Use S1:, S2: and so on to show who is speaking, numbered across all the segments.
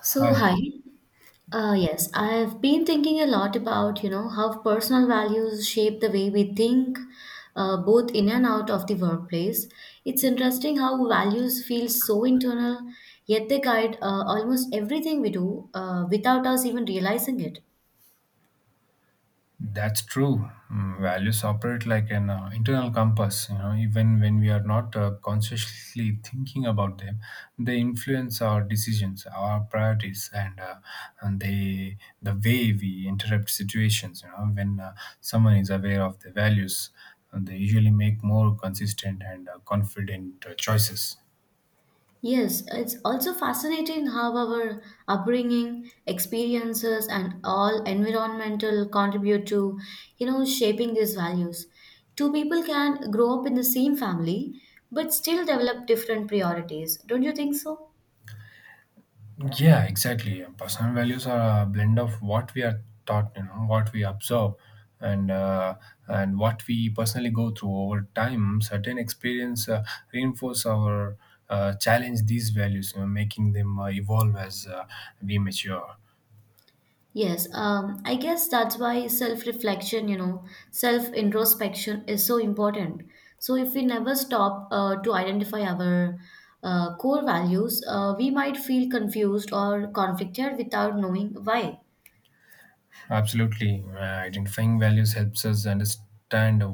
S1: So,
S2: Hi,
S1: hi. Yes, I've been thinking a lot about, you know, how personal values shape the way we think, both in and out of the workplace. It's interesting how values feel so internal, yet they guide almost everything we do without us even realizing it.
S2: that's true. Mm, values operate like an internal compass. You know, even when we are not consciously thinking about them, they influence our decisions, our priorities, and the way we interrupt situations. You know, when someone is aware of their values, they usually make more consistent and confident choices.
S1: Yes, it's also fascinating how our upbringing, experiences, and all environmental contribute to, you know, shaping these values. Two people can grow up in the same family but still develop different priorities. Don't you think so?
S2: Yeah, exactly. Personal values are a blend of what we are taught, you know, what we observe, and uh, and what we personally go through over time. Certain experience reinforce our challenge these values, you know, making them evolve as we mature.
S1: Yes, I guess that's why self reflection, you know, self introspection is so important. So, if we never stop to identify our core values, we might feel confused or conflicted without knowing why.
S2: Absolutely. Identifying values helps us understand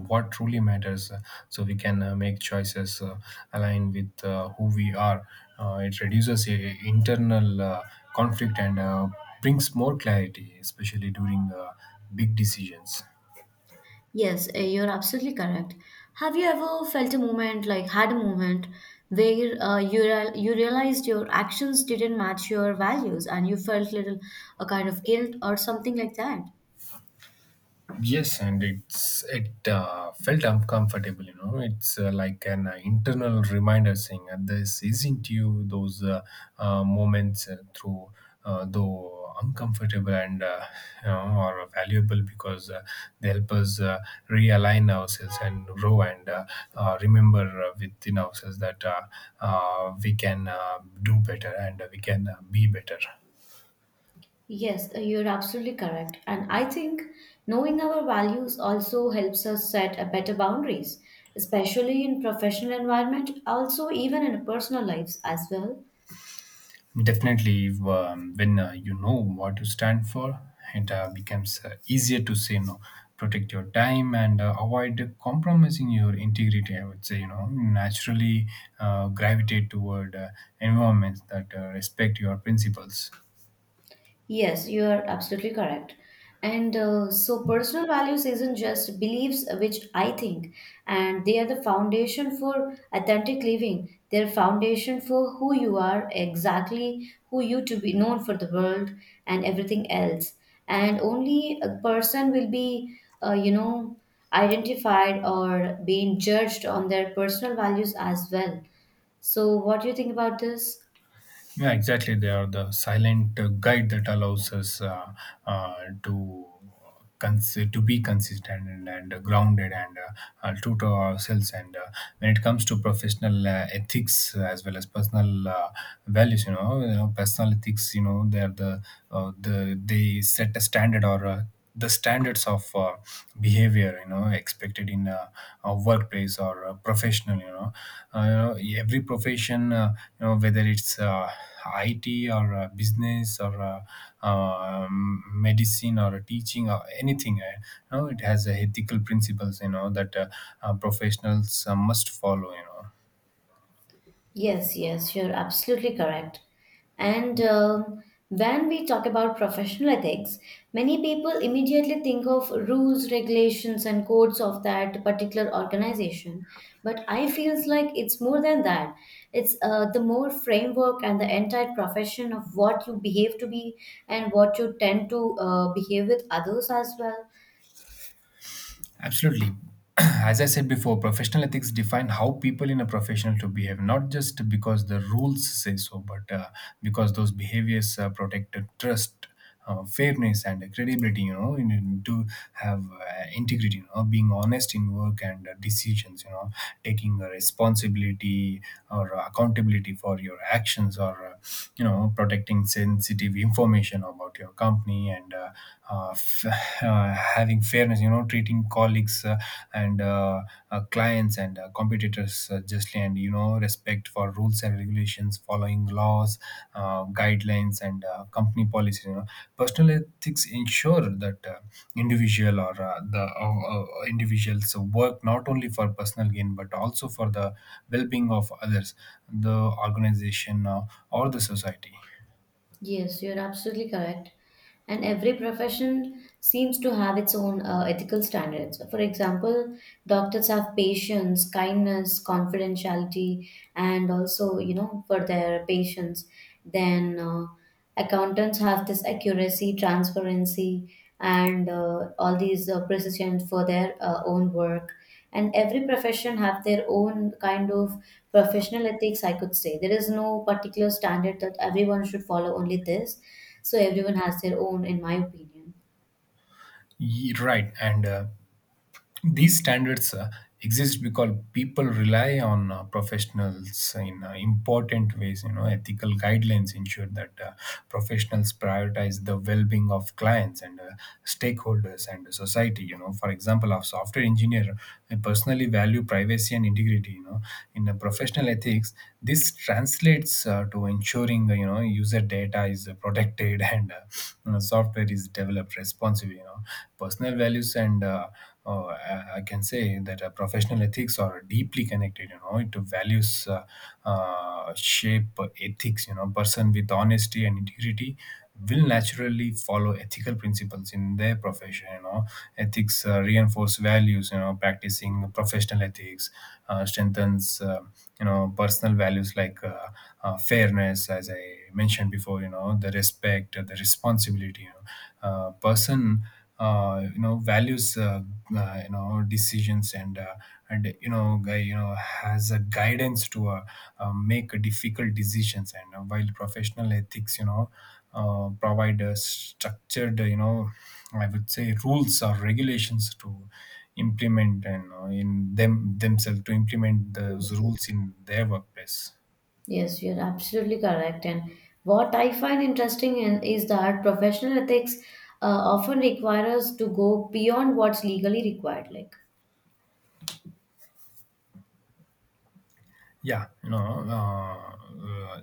S2: what truly matters, so we can make choices aligned with who we are. It reduces internal conflict and brings more clarity, especially during big decisions.
S1: Yes, you're absolutely correct. Have you ever felt a moment, like had a moment, where you realized your actions didn't match your values and you felt little a kind of guilt or something like that?
S2: Yes, and it felt uncomfortable. You know, it's like an internal reminder saying, this isn't you. Those moments, through though uncomfortable and you know, are valuable because they help us realign ourselves and grow, and remember within ourselves that we can do better and we can be better.
S1: Yes, you're absolutely correct. And I think knowing our values also helps us set a better boundaries, especially in professional environment, also even in personal lives as well.
S2: Definitely. When you know what you stand for, it becomes easier to say no. Protect your time and avoid compromising your integrity. I would say, you know, naturally gravitate toward environments that respect your principles.
S1: Yes, you are absolutely correct. And so, personal values isn't just beliefs, which I think, and they are the foundation for authentic living. They're foundation for who you are exactly, who you to be known for the world, and everything else. And only a person will be, you know, identified or being judged on their personal values as well. So, what do you think about this?
S2: Yeah, exactly. They are the silent guide that allows us uh, to to be consistent and grounded and true to ourselves. And when it comes to professional ethics as well as personal values, you know, personal ethics, you know, they are the they set a standard, or the standards of behavior, you know, expected in a workplace or a professional, you know. You know, every profession, you know, whether it's IT or business or medicine or teaching or anything, you know, it has ethical principles, you know, that professionals must follow, you know.
S1: Yes, yes, you're absolutely correct. And, when we talk about professional ethics, many people immediately think of rules, regulations, and codes of that particular organization. But I feels like it's more than that. It's the more framework and the entire profession of what you behave to be and what you tend to behave with others as well.
S2: Absolutely. As I said before, professional ethics define how people in a professional to behave, not just because the rules say so, but because those behaviors protect the trust, fairness, and credibility. You know, you need to have integrity. You know, being honest in work and decisions. You know, taking responsibility or accountability for your actions, or you know, protecting sensitive information about your company, and uh, f- having fairness, you know, treating colleagues and clients and competitors justly, and you know, respect for rules and regulations, following laws, guidelines, and company policies. You know, personal ethics ensure that individual, or the individuals work not only for personal gain but also for the well-being of others, the organization, or the society.
S1: Yes, you're absolutely correct. And every profession seems to have its own ethical standards. For example, doctors have patience, kindness, confidentiality, and also, you know, for their patients. Then accountants have this accuracy, transparency, and all these precision for their own work, and every profession have their own kind of professional ethics. I could say there is no particular standard that everyone should follow only this. So everyone has their own, in my opinion.
S2: Right. And these standards exist because people rely on professionals in important ways, you know. Ethical guidelines ensure that professionals prioritize the well-being of clients and stakeholders and society, you know. For example, a software engineer, I personally value privacy and integrity, you know, in professional ethics this translates to ensuring, you know, user data is protected and you know, software is developed responsibly, you know. Personal values and I can say that professional ethics are deeply connected. You know, it values shape ethics. You know, person with honesty and integrity will naturally follow ethical principles in their profession. You know, ethics reinforce values. You know, practicing professional ethics strengthens, you know, personal values like fairness, as I mentioned before. You know, the respect, the responsibility. You know, person you know values you know decisions and you know guy you know, has a guidance to make difficult decisions, and while professional ethics, you know, provide a structured, you know, I would say rules or regulations to implement, and in them themselves to implement those rules in their workplace.
S1: Yes, you're absolutely correct. And what I find interesting in, is that professional ethics uh, often require us to go beyond what's legally required. Like,
S2: Yeah, no,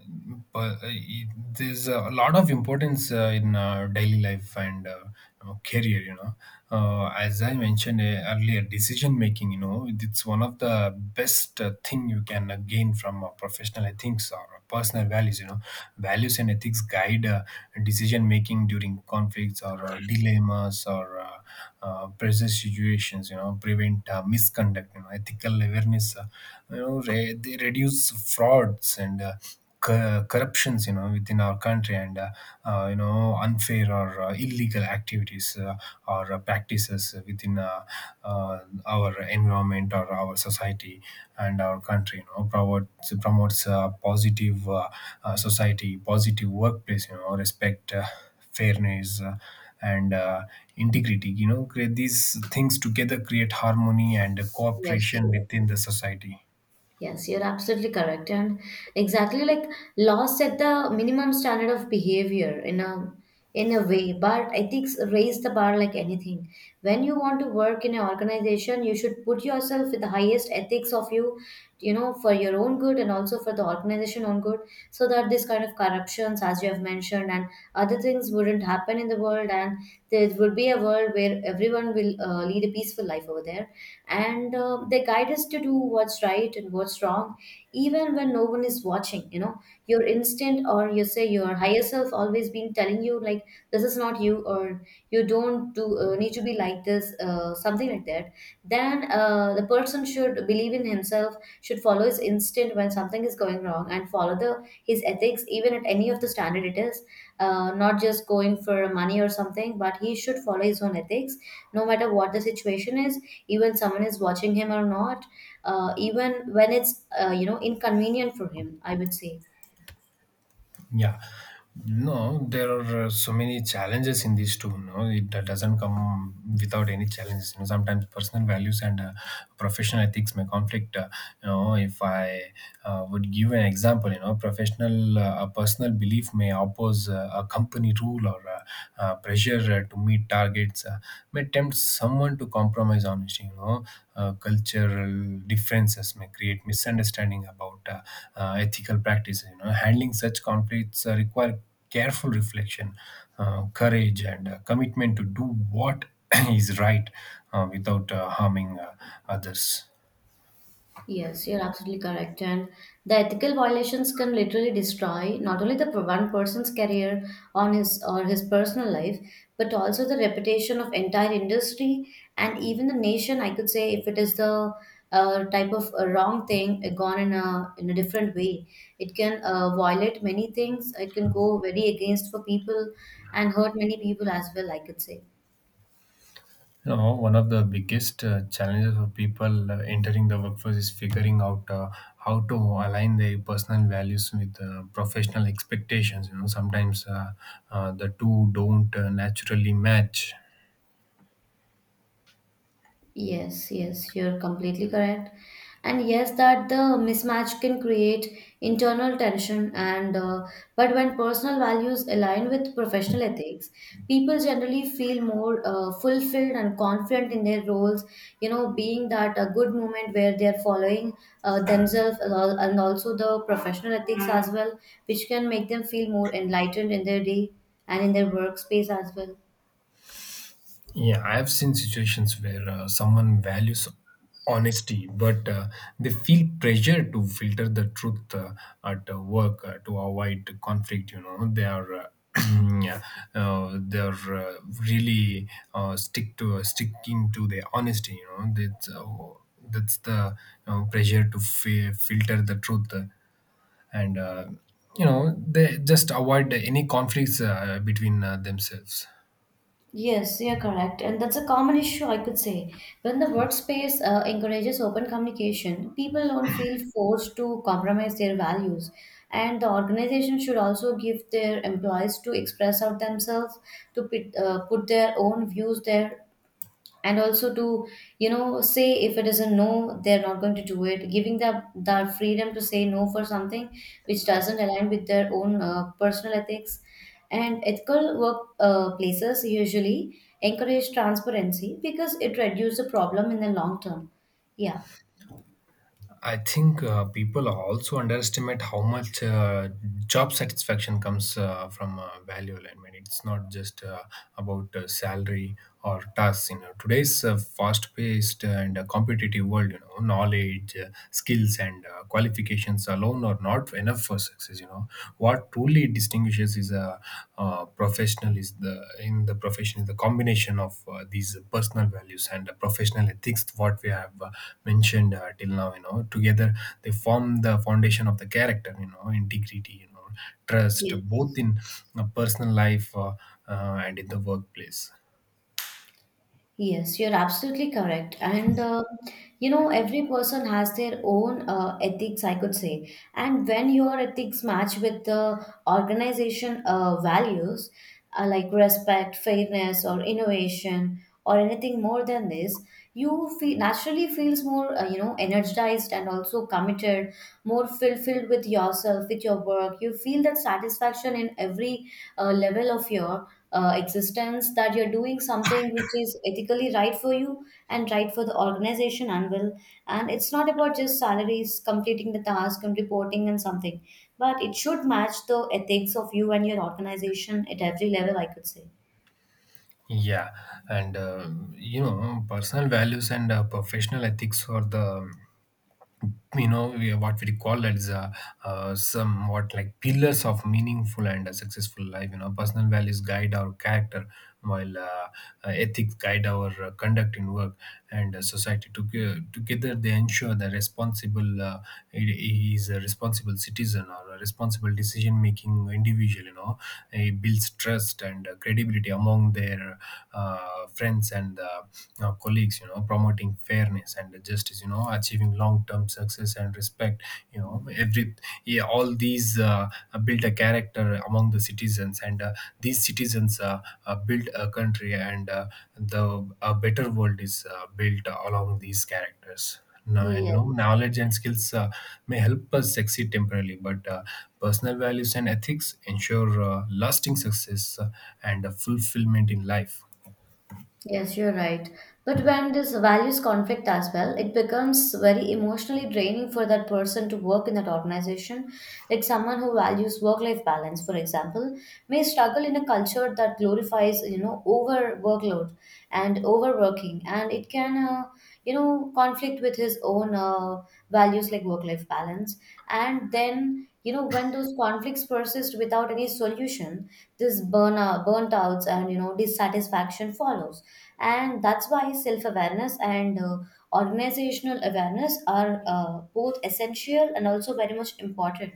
S2: but uh, it- there's a lot of importance in daily life and you know, career. You know, as I mentioned earlier, decision making, you know, it's one of the best thing you can gain from professional ethics or personal values. You know, values and ethics guide decision making during conflicts or dilemmas or pressure situations. You know, prevent misconduct. You know, ethical awareness, you know, they reduce frauds and corruptions, you know, within our country and you know, unfair or illegal activities, or practices within uh, our environment or our society and our country, you know, promotes a positive, society, positive workplace, you know, respect, fairness, and integrity, you know. Create these things together create harmony and
S1: yes.
S2: cooperation within the society.
S1: Yes, you're absolutely correct. And exactly like laws set the minimum standard of behavior in a way, but ethics raise the bar like anything. When you want to work in an organization, you should put yourself with the highest ethics of you, you know, for your own good and also for the organization own good, so that this kind of corruptions, as you have mentioned, and other things wouldn't happen in the world, and there would be a world where everyone will lead a peaceful life over there, and they guide us to do what's right and what's wrong even when no one is watching, you know. Your instinct, or you say your higher self, always been telling you like this is not you, or you don't do need to be like this, something like that. Then the person should believe in himself, should follow his instinct when something is going wrong, and follow the his ethics even at any of the standard it is. Not just going for money or something, but he should follow his own ethics no matter what the situation is, even someone is watching him or not, even when it's you know inconvenient for him, I would say.
S2: Yeah, no, there are so many challenges in these two. No, it doesn't come without any challenges. You know, sometimes personal values and professional ethics may conflict. You know, if I would give an example, you know, professional a personal belief may oppose a company rule, or pressure to meet targets may tempt someone to compromise honesty. You know, cultural differences may create misunderstanding about ethical practices. You know, handling such conflicts require careful reflection, courage, and commitment to do what is right without harming others.
S1: Yes, you're absolutely correct. And the ethical violations can literally destroy not only the one person's career on his or his personal life, but also the reputation of entire industry and even the nation. I could say, if it is the type of wrong thing gone in a different way, it can violate many things. It can go very against for people and hurt many people as well, I could say.
S2: You know, one of the biggest challenges for people entering the workforce is figuring out how to align their personal values with professional expectations. You know, sometimes the two don't naturally match.
S1: Yes, yes, you're completely correct. And yes, that the mismatch can create internal tension and but when personal values align with professional ethics, people generally feel more fulfilled and confident in their roles, you know, being that a good moment where they're following themselves, and also the professional ethics as well, which can make them feel more enlightened in their day and in their workspace as well.
S2: Yeah, I've seen situations where someone values honesty, but they feel pressure to filter the truth at work to avoid conflict. You know, they are. Yeah, they're really stick to sticking to their honesty. You know, that's the, you know, pressure to filter the truth, and you know, they just avoid any conflicts between themselves.
S1: Yes, you're correct. And that's a common issue, I could say. When the workspace encourages open communication, people don't feel forced to compromise their values. And the organization should also give their employees to express out themselves, to put, put their own views there, and also to you know say if it is a no they're not going to do it, giving them the freedom to say no for something which doesn't align with their own personal ethics, and ethical work places usually encourage transparency because it reduces the problem in the long term. Yeah,
S2: I think people also underestimate how much job satisfaction comes from value alignment. It's not just about salary or tasks. You know, today's fast-paced and competitive world, you know, knowledge, skills, and qualifications alone are not enough for success. You know, what truly distinguishes is a professional is the in the profession is the combination of these personal values and professional ethics, what we have mentioned till now, you know. Together they form the foundation of the character, you know, integrity, you know, trust both
S1: yes.
S2: in personal life and in the workplace,
S1: Yes, you're absolutely correct. And you know, every person has their own ethics, I could say. And when your ethics match with the organization values, like respect, fairness, or innovation, or anything more than this, you feel naturally feels more, you know, energized and also committed, more fulfilled with yourself, with your work. You feel that satisfaction in every level of your existence, that you're doing something which is ethically right for you and right for the organization, and will. And it's not about just salaries completing the task and reporting and something, but it should match the ethics of you and your organization at every level, I could say.
S2: yeah. And you know, personal values and professional ethics are the, you know, what we call that is somewhat like pillars of meaningful and a successful life, you know. Personal values guide our character, while ethics guide our conduct in work and society. Together they ensure the responsible, he is a responsible citizen or a responsible decision making individual, you know. It builds trust and credibility among their friends and colleagues, you know, promote promoting fairness and justice, you know, achieving long-term success and respect, you know, every, yeah, all these built a character among the citizens, and these citizens built a country, and the a better world is built along these characters now, and
S1: Yes.
S2: no knowledge and skills may help us succeed temporarily, but personal values and ethics ensure lasting success and fulfillment in life.
S1: Yes, you're right. But when this values conflict as well, it becomes very emotionally draining for that person to work in that organization. Like someone who values work-life balance, for example, may struggle in a culture that glorifies, you know, over workload and overworking, and it can, you know, conflict with his own values like work-life balance. And then, you know, when those conflicts persist without any solution, this burnout, burnt outs, and you know, dissatisfaction follows, and that's why self-awareness and organizational awareness are both essential and also very much important.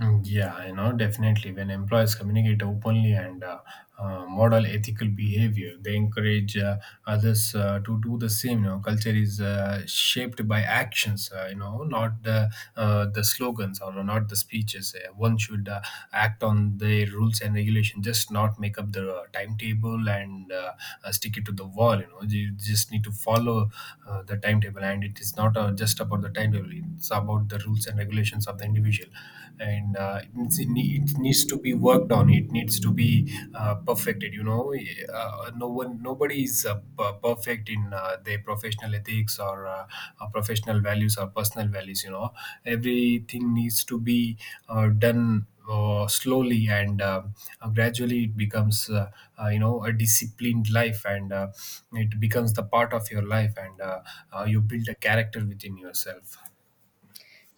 S2: Mm, yeah, you know, definitely. When employees communicate openly and model ethical behavior, they encourage others to do the same. You know, culture is shaped by actions, you know, not the the slogans or not the speeches. One should act on the rules and regulation, just not make up the timetable and stick it to the wall. You know, you just need to follow the timetable, and it is not just about the timetable. It's about the rules and regulations of the individual, and it needs to be worked on. It needs to be perfected, you know. Eh, no one nobody is perfect in their professional ethics or professional values or personal values, you know. Everything needs to be done slowly, and gradually it becomes a disciplined life, and it becomes the part of your life, and you build a character within yourself.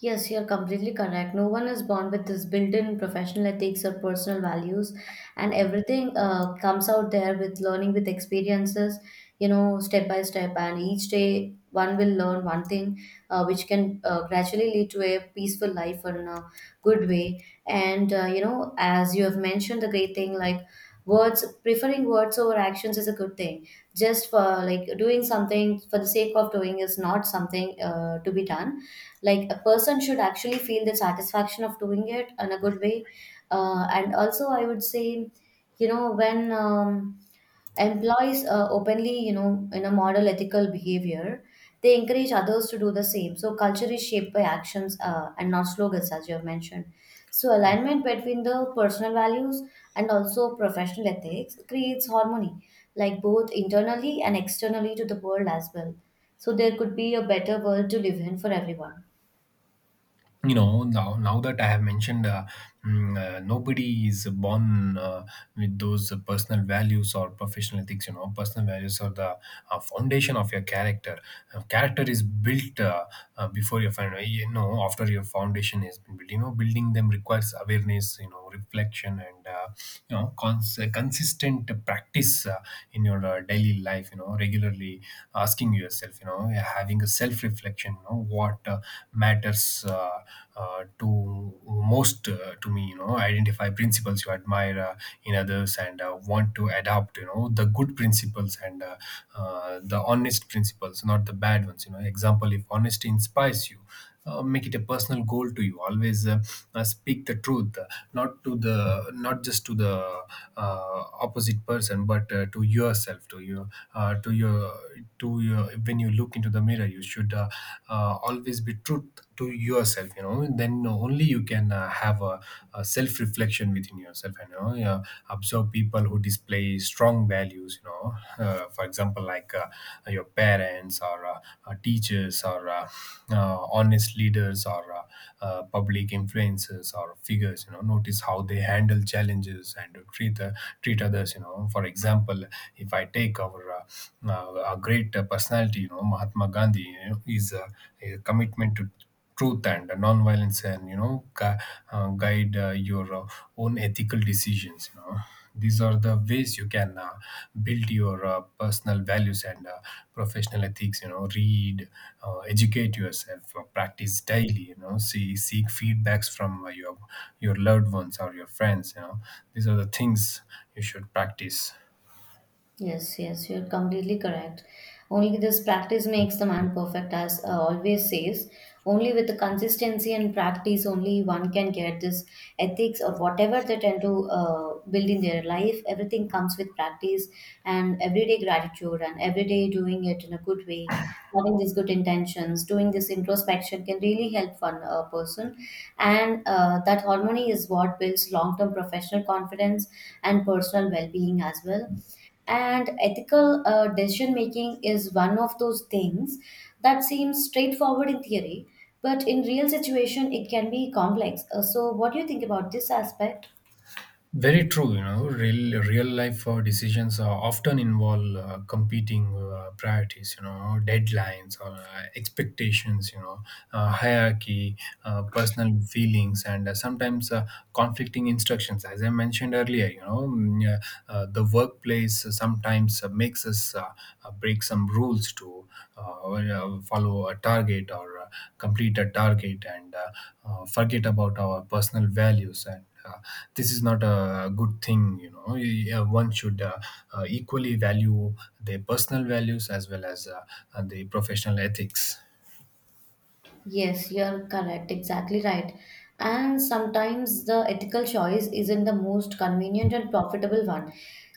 S1: Yes, you're completely correct. No one is born with this built-in professional ethics or personal values, and everything comes out there with learning, with experiences, you know, step by step. And each day, one will learn one thing, which can gradually lead to a peaceful life or in a good way. And you know, as you have mentioned, the great thing like words, preferring words over actions is a good thing. Just for like doing something for the sake of doing is not something to be done, like a person should actually feel the satisfaction of doing it in a good way. And also I would say, you know, when employees openly you know in a model ethical behavior, they encourage others to do the same. So culture is shaped by actions, and not slogans, as you have mentioned. So alignment between the personal values and also professional ethics creates harmony, like both internally and externally to the world as well, so there could be a better world to live in for everyone.
S2: Now that I have mentioned, nobody is born with those personal values or professional ethics. You know, personal values are the foundation of your character. Character is built before your found you know after your foundation has been built. You know, building them requires awareness, you know, reflection, and consistent practice in your daily life, you know, regularly asking yourself, you know, having a self reflection, you know what matters to most to me. You know, identify principles you admire in others and want to adopt, you know, the good principles and the honest principles, not the bad ones. You know, example, if honesty inspires you, make it a personal goal to you always speak the truth, not to the, not just to the opposite person, but to yourself, to you, to your, to your, when you look into the mirror you should always be truth to yourself, you know. Then only you can have a self reflection within yourself, you know. Yeah, observe people who display very strong values, you know, for example, like your parents or teachers or honest leaders or public influences or figures, you know. Notice how they handle challenges and treat, treat others, you know. For example, if I take our a great personality, you know, Mahatma Gandhi, you know, his commitment to truth and non-violence and, you know, guide your own ethical decisions, you know. These are the ways you can build your personal values and professional ethics, you know. Read, educate yourself, practice daily, you know, seek feedbacks from your loved ones or your friends, you know. These are the things you should practice.
S1: Yes, yes, you're completely correct. Only this practice makes the man perfect, as always says. Only with the consistency and practice, only one can get this ethics or whatever they tend to build in their life. Everything comes with practice, and everyday gratitude and everyday doing it in a good way, having these good intentions, doing this introspection, can really help one person. And that harmony is what builds long term professional confidence and personal well being as well. And ethical decision making is one of those things that seems straightforward in theory, but in real situation it can be complex. So what do you think about this aspect?
S2: Very true, you know, real life decisions often involve competing priorities, you know, deadlines or expectations, you know, hierarchy, personal feelings, and sometimes conflicting instructions. As I mentioned earlier, you know, the workplace sometimes makes us break some rules to or, follow a target or complete a target, and forget about our personal values. And this is not a good thing, you know. Yeah, one should equally value their personal values as well as the professional ethics.
S1: Yes, you're correct. Exactly right. And sometimes the ethical choice isn't the most convenient and profitable one.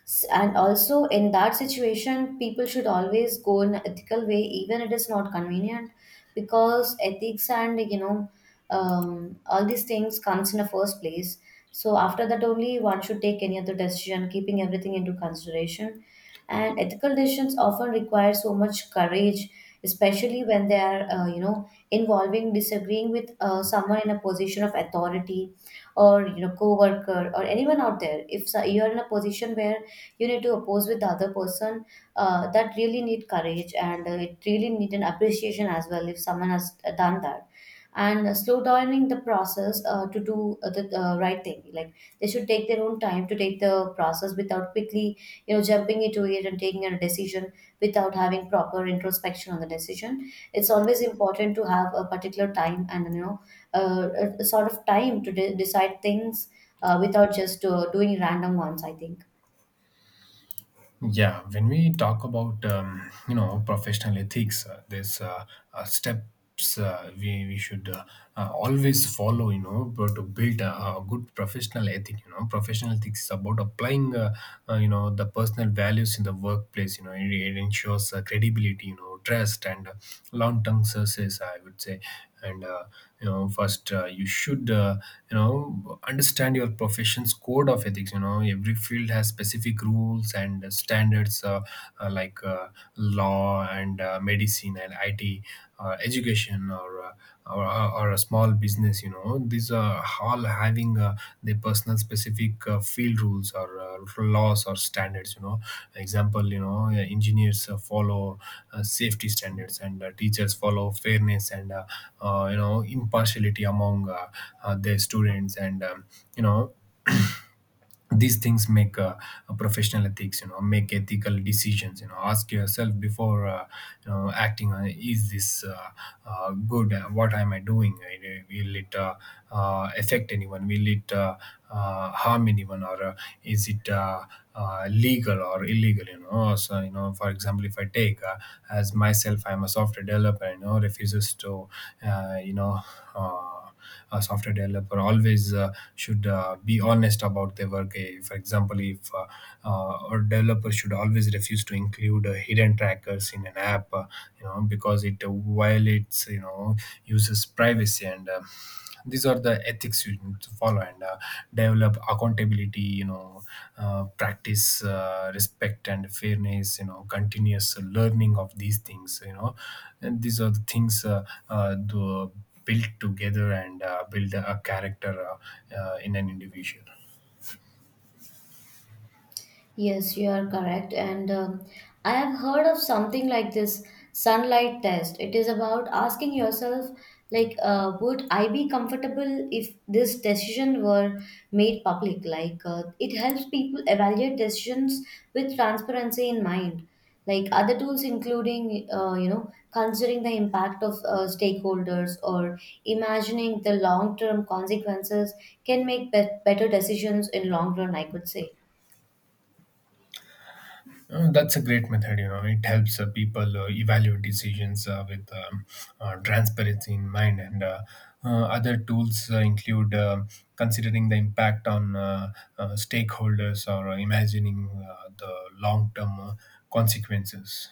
S1: And also, in that situation, people should always go in an ethical way, even it is not convenient, because ethics and you know, all these things comes in the first place. So after that, only one should take any other decision, keeping everything into consideration. And ethical decisions often require so much courage, especially when they are, involving disagreeing with someone in a position of authority or coworker, or anyone out there. If so, you're in a position where you need to oppose with the other person. That really need courage, and it really need an appreciation as well if someone has done that, and slow downing the process to do the right thing. Like, they should take their own time to take the process without quickly jumping into it and taking a decision without having proper introspection on the decision. It's always important to have a particular time, and a sort of time to decide things, without just doing random ones, I think.
S2: Yeah, when we talk about you know, professional ethics, there's steps we should always follow, you know, but to build a good professional ethic. You know, professional ethics is about applying you know, the personal values in the workplace. You know, it ensures credibility, you know, trust and long-term success, I would say. And you know, first you should you know, understand your profession's code of ethics. You know, every field has specific rules and standards, like law and medicine and it, education, or, or or a small business, you know. These all having the personal specific field rules or laws or standards, you know. Example, you know, engineers follow safety standards, and teachers follow fairness and you know, impartiality among their students. And you know, these things make a professional ethics, you know. Make ethical decisions, you know, ask yourself before you know, acting on, is this good? What am I doing? Will it affect anyone? Will it harm anyone? Or is it legal or illegal, you know? So, you know, for example, if I take as myself, I'm a software developer, you know, uh, you know uh, a software developer always should be honest about their work. For example, if a developer should always refuse to include hidden trackers in an app, you know, because it violates, you know, users' privacy. And. These are the ethics you need to follow, and develop accountability, you know. Practice respect and fairness, you know, continuous learning of these things, you know. And these are the things the build together and build a character in an individual.
S1: Yes, you are correct. And I have heard of something like this sunlight test. It is about asking yourself, like, would I be comfortable if this decision were made public? Like, it helps people evaluate decisions with transparency in mind. Like other tools, including, considering the impact of stakeholders or imagining the long term consequences, can make better decisions in long run, I could say.
S2: That's a great method. You know, it helps people evaluate decisions with transparency in mind. And other tools include considering the impact on stakeholders or imagining the long-term consequences.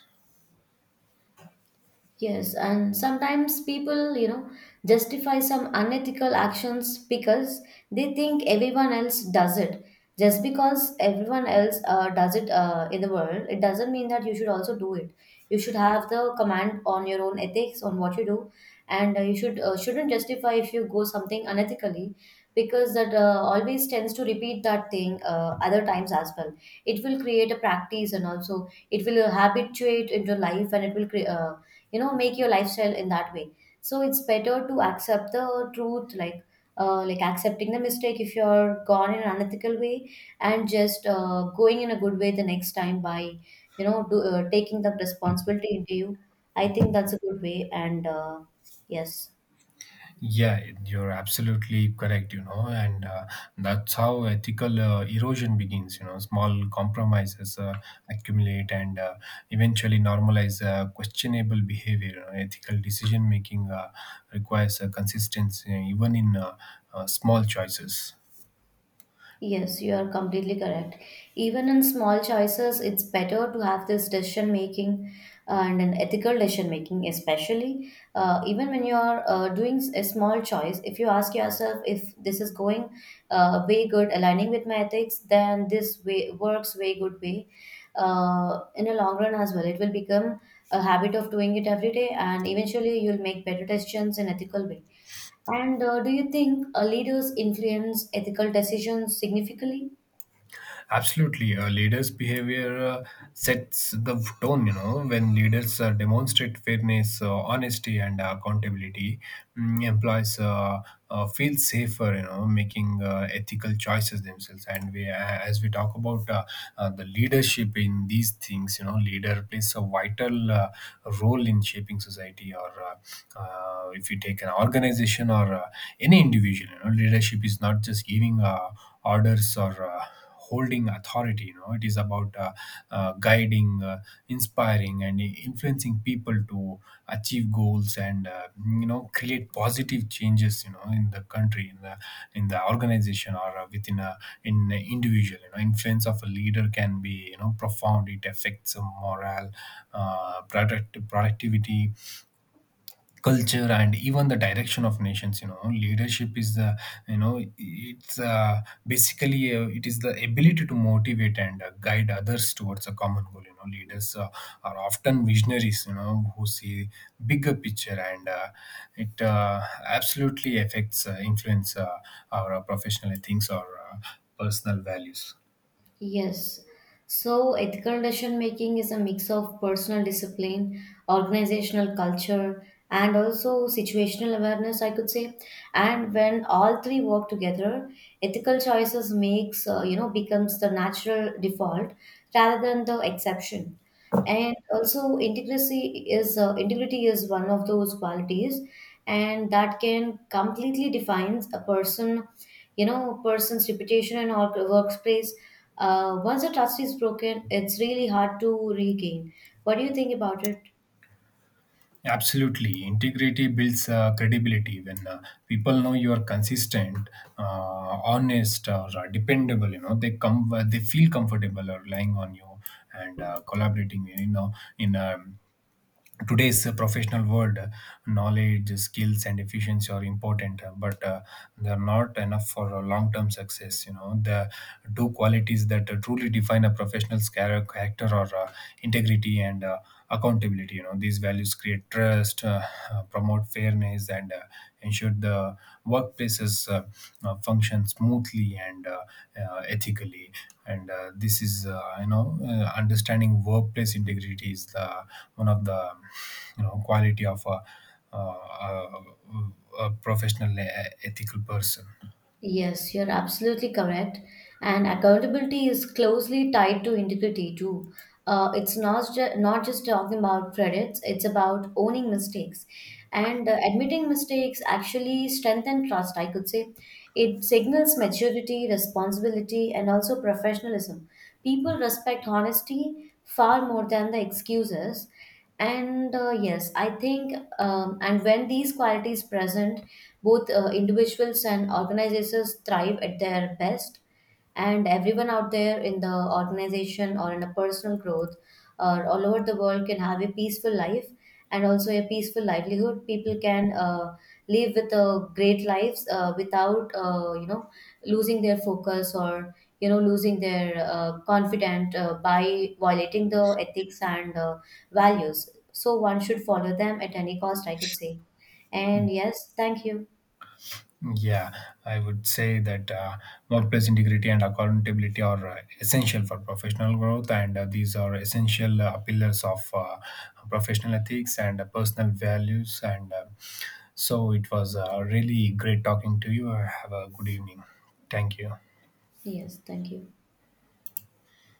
S1: Yes, and sometimes people, justify some unethical actions because they think everyone else does it. Just because everyone else does it in the world, it doesn't mean that you should also do it. You should have the command on your own ethics on what you do, and you should shouldn't justify if you go something unethically, because that always tends to repeat that thing other times as well. It will create a practice, and also it will habituate into life, and it will create, make your lifestyle in that way. So it's better to accept the truth, like, like accepting the mistake if you're gone in an unethical way, and just going in a good way the next time by taking the responsibility into you. I think that's a good way, and yes.
S2: Yeah, you're absolutely correct, you know, and that's how ethical erosion begins, you know. Small compromises accumulate and eventually normalize questionable behavior. You know, ethical decision making requires consistency, even in small choices.
S1: Yes, you are completely correct. Even in small choices, it's better to have this decision making and an ethical decision making, especially even when you are doing a small choice. If you ask yourself if this is going way good, aligning with my ethics, then this way works way good way. In a long run as well, it will become a habit of doing it every day, and eventually you'll make better decisions in ethical way. And do you think leaders influence ethical decisions significantly?
S2: Absolutely, a leaders' behavior sets the tone. You know, when leaders demonstrate fairness, honesty, and accountability, employees feel safer, you know, making ethical choices themselves. And as we talk about the leadership in these things, you know, leader plays a vital role in shaping society. Or if you take an organization or any individual, you know, leadership is not just giving a orders or holding authority, you know. It is about guiding, inspiring, and influencing people to achieve goals, and you know, create positive changes, you know, in the country, in the, in the organization, or within a in a individual, you know. Influence of a leader can be, you know, profound. It affects morale, productivity, culture, and even the direction of nations, you know. Leadership is the, you know, it's basically it is the ability to motivate and guide others towards a common goal, you know. Leaders are often visionaries, you know, who see bigger picture, and it absolutely affects, influence our professional things or uh, personal values.
S1: Yes. So ethical decision making is a mix of personal discipline, organizational culture, and also situational awareness, I could say. And when all three work together, ethical choices becomes the natural default rather than the exception. And also integrity is one of those qualities, and that can completely defines a person, you know, person's reputation and or workplace. Once the trust is broken, it's really hard to regain. What do you think about it?
S2: Absolutely. Integrity builds credibility. When people know you are consistent, uh, honest, or dependable, you know, they feel comfortable relying on you and collaborating. You know, in today's professional world, knowledge skills and efficiency are important, but they're not enough for long-term success. You know, the two qualities that truly define a character are integrity and accountability, you know. These values create trust, promote fairness, and ensure the workplaces function smoothly and ethically. And this is, you know, understanding workplace integrity is the one of the, you know, quality of a, a professional ethical person.
S1: Yes, you're absolutely correct. And accountability is closely tied to integrity too. It's not just talking about credits; it's about owning mistakes, and admitting mistakes actually strengthen trust, I could say. It signals maturity, responsibility, and also professionalism. People respect honesty far more than the excuses. And yes, I think, and when these qualities present, both individuals and organizations thrive at their best, and everyone out there in the organization or in a personal growth or all over the world can have a peaceful life and also a peaceful livelihood. People can live with great lives without, losing their focus or losing their confidence by violating the ethics and values. So one should follow them at any cost, I could say. And yes, thank you.
S2: Yeah, I would say that workplace integrity and accountability are essential for professional growth, and these are essential pillars of professional ethics and personal values, and so it was really great talking to you. Have a good evening. Thank you.
S1: Yes, thank you.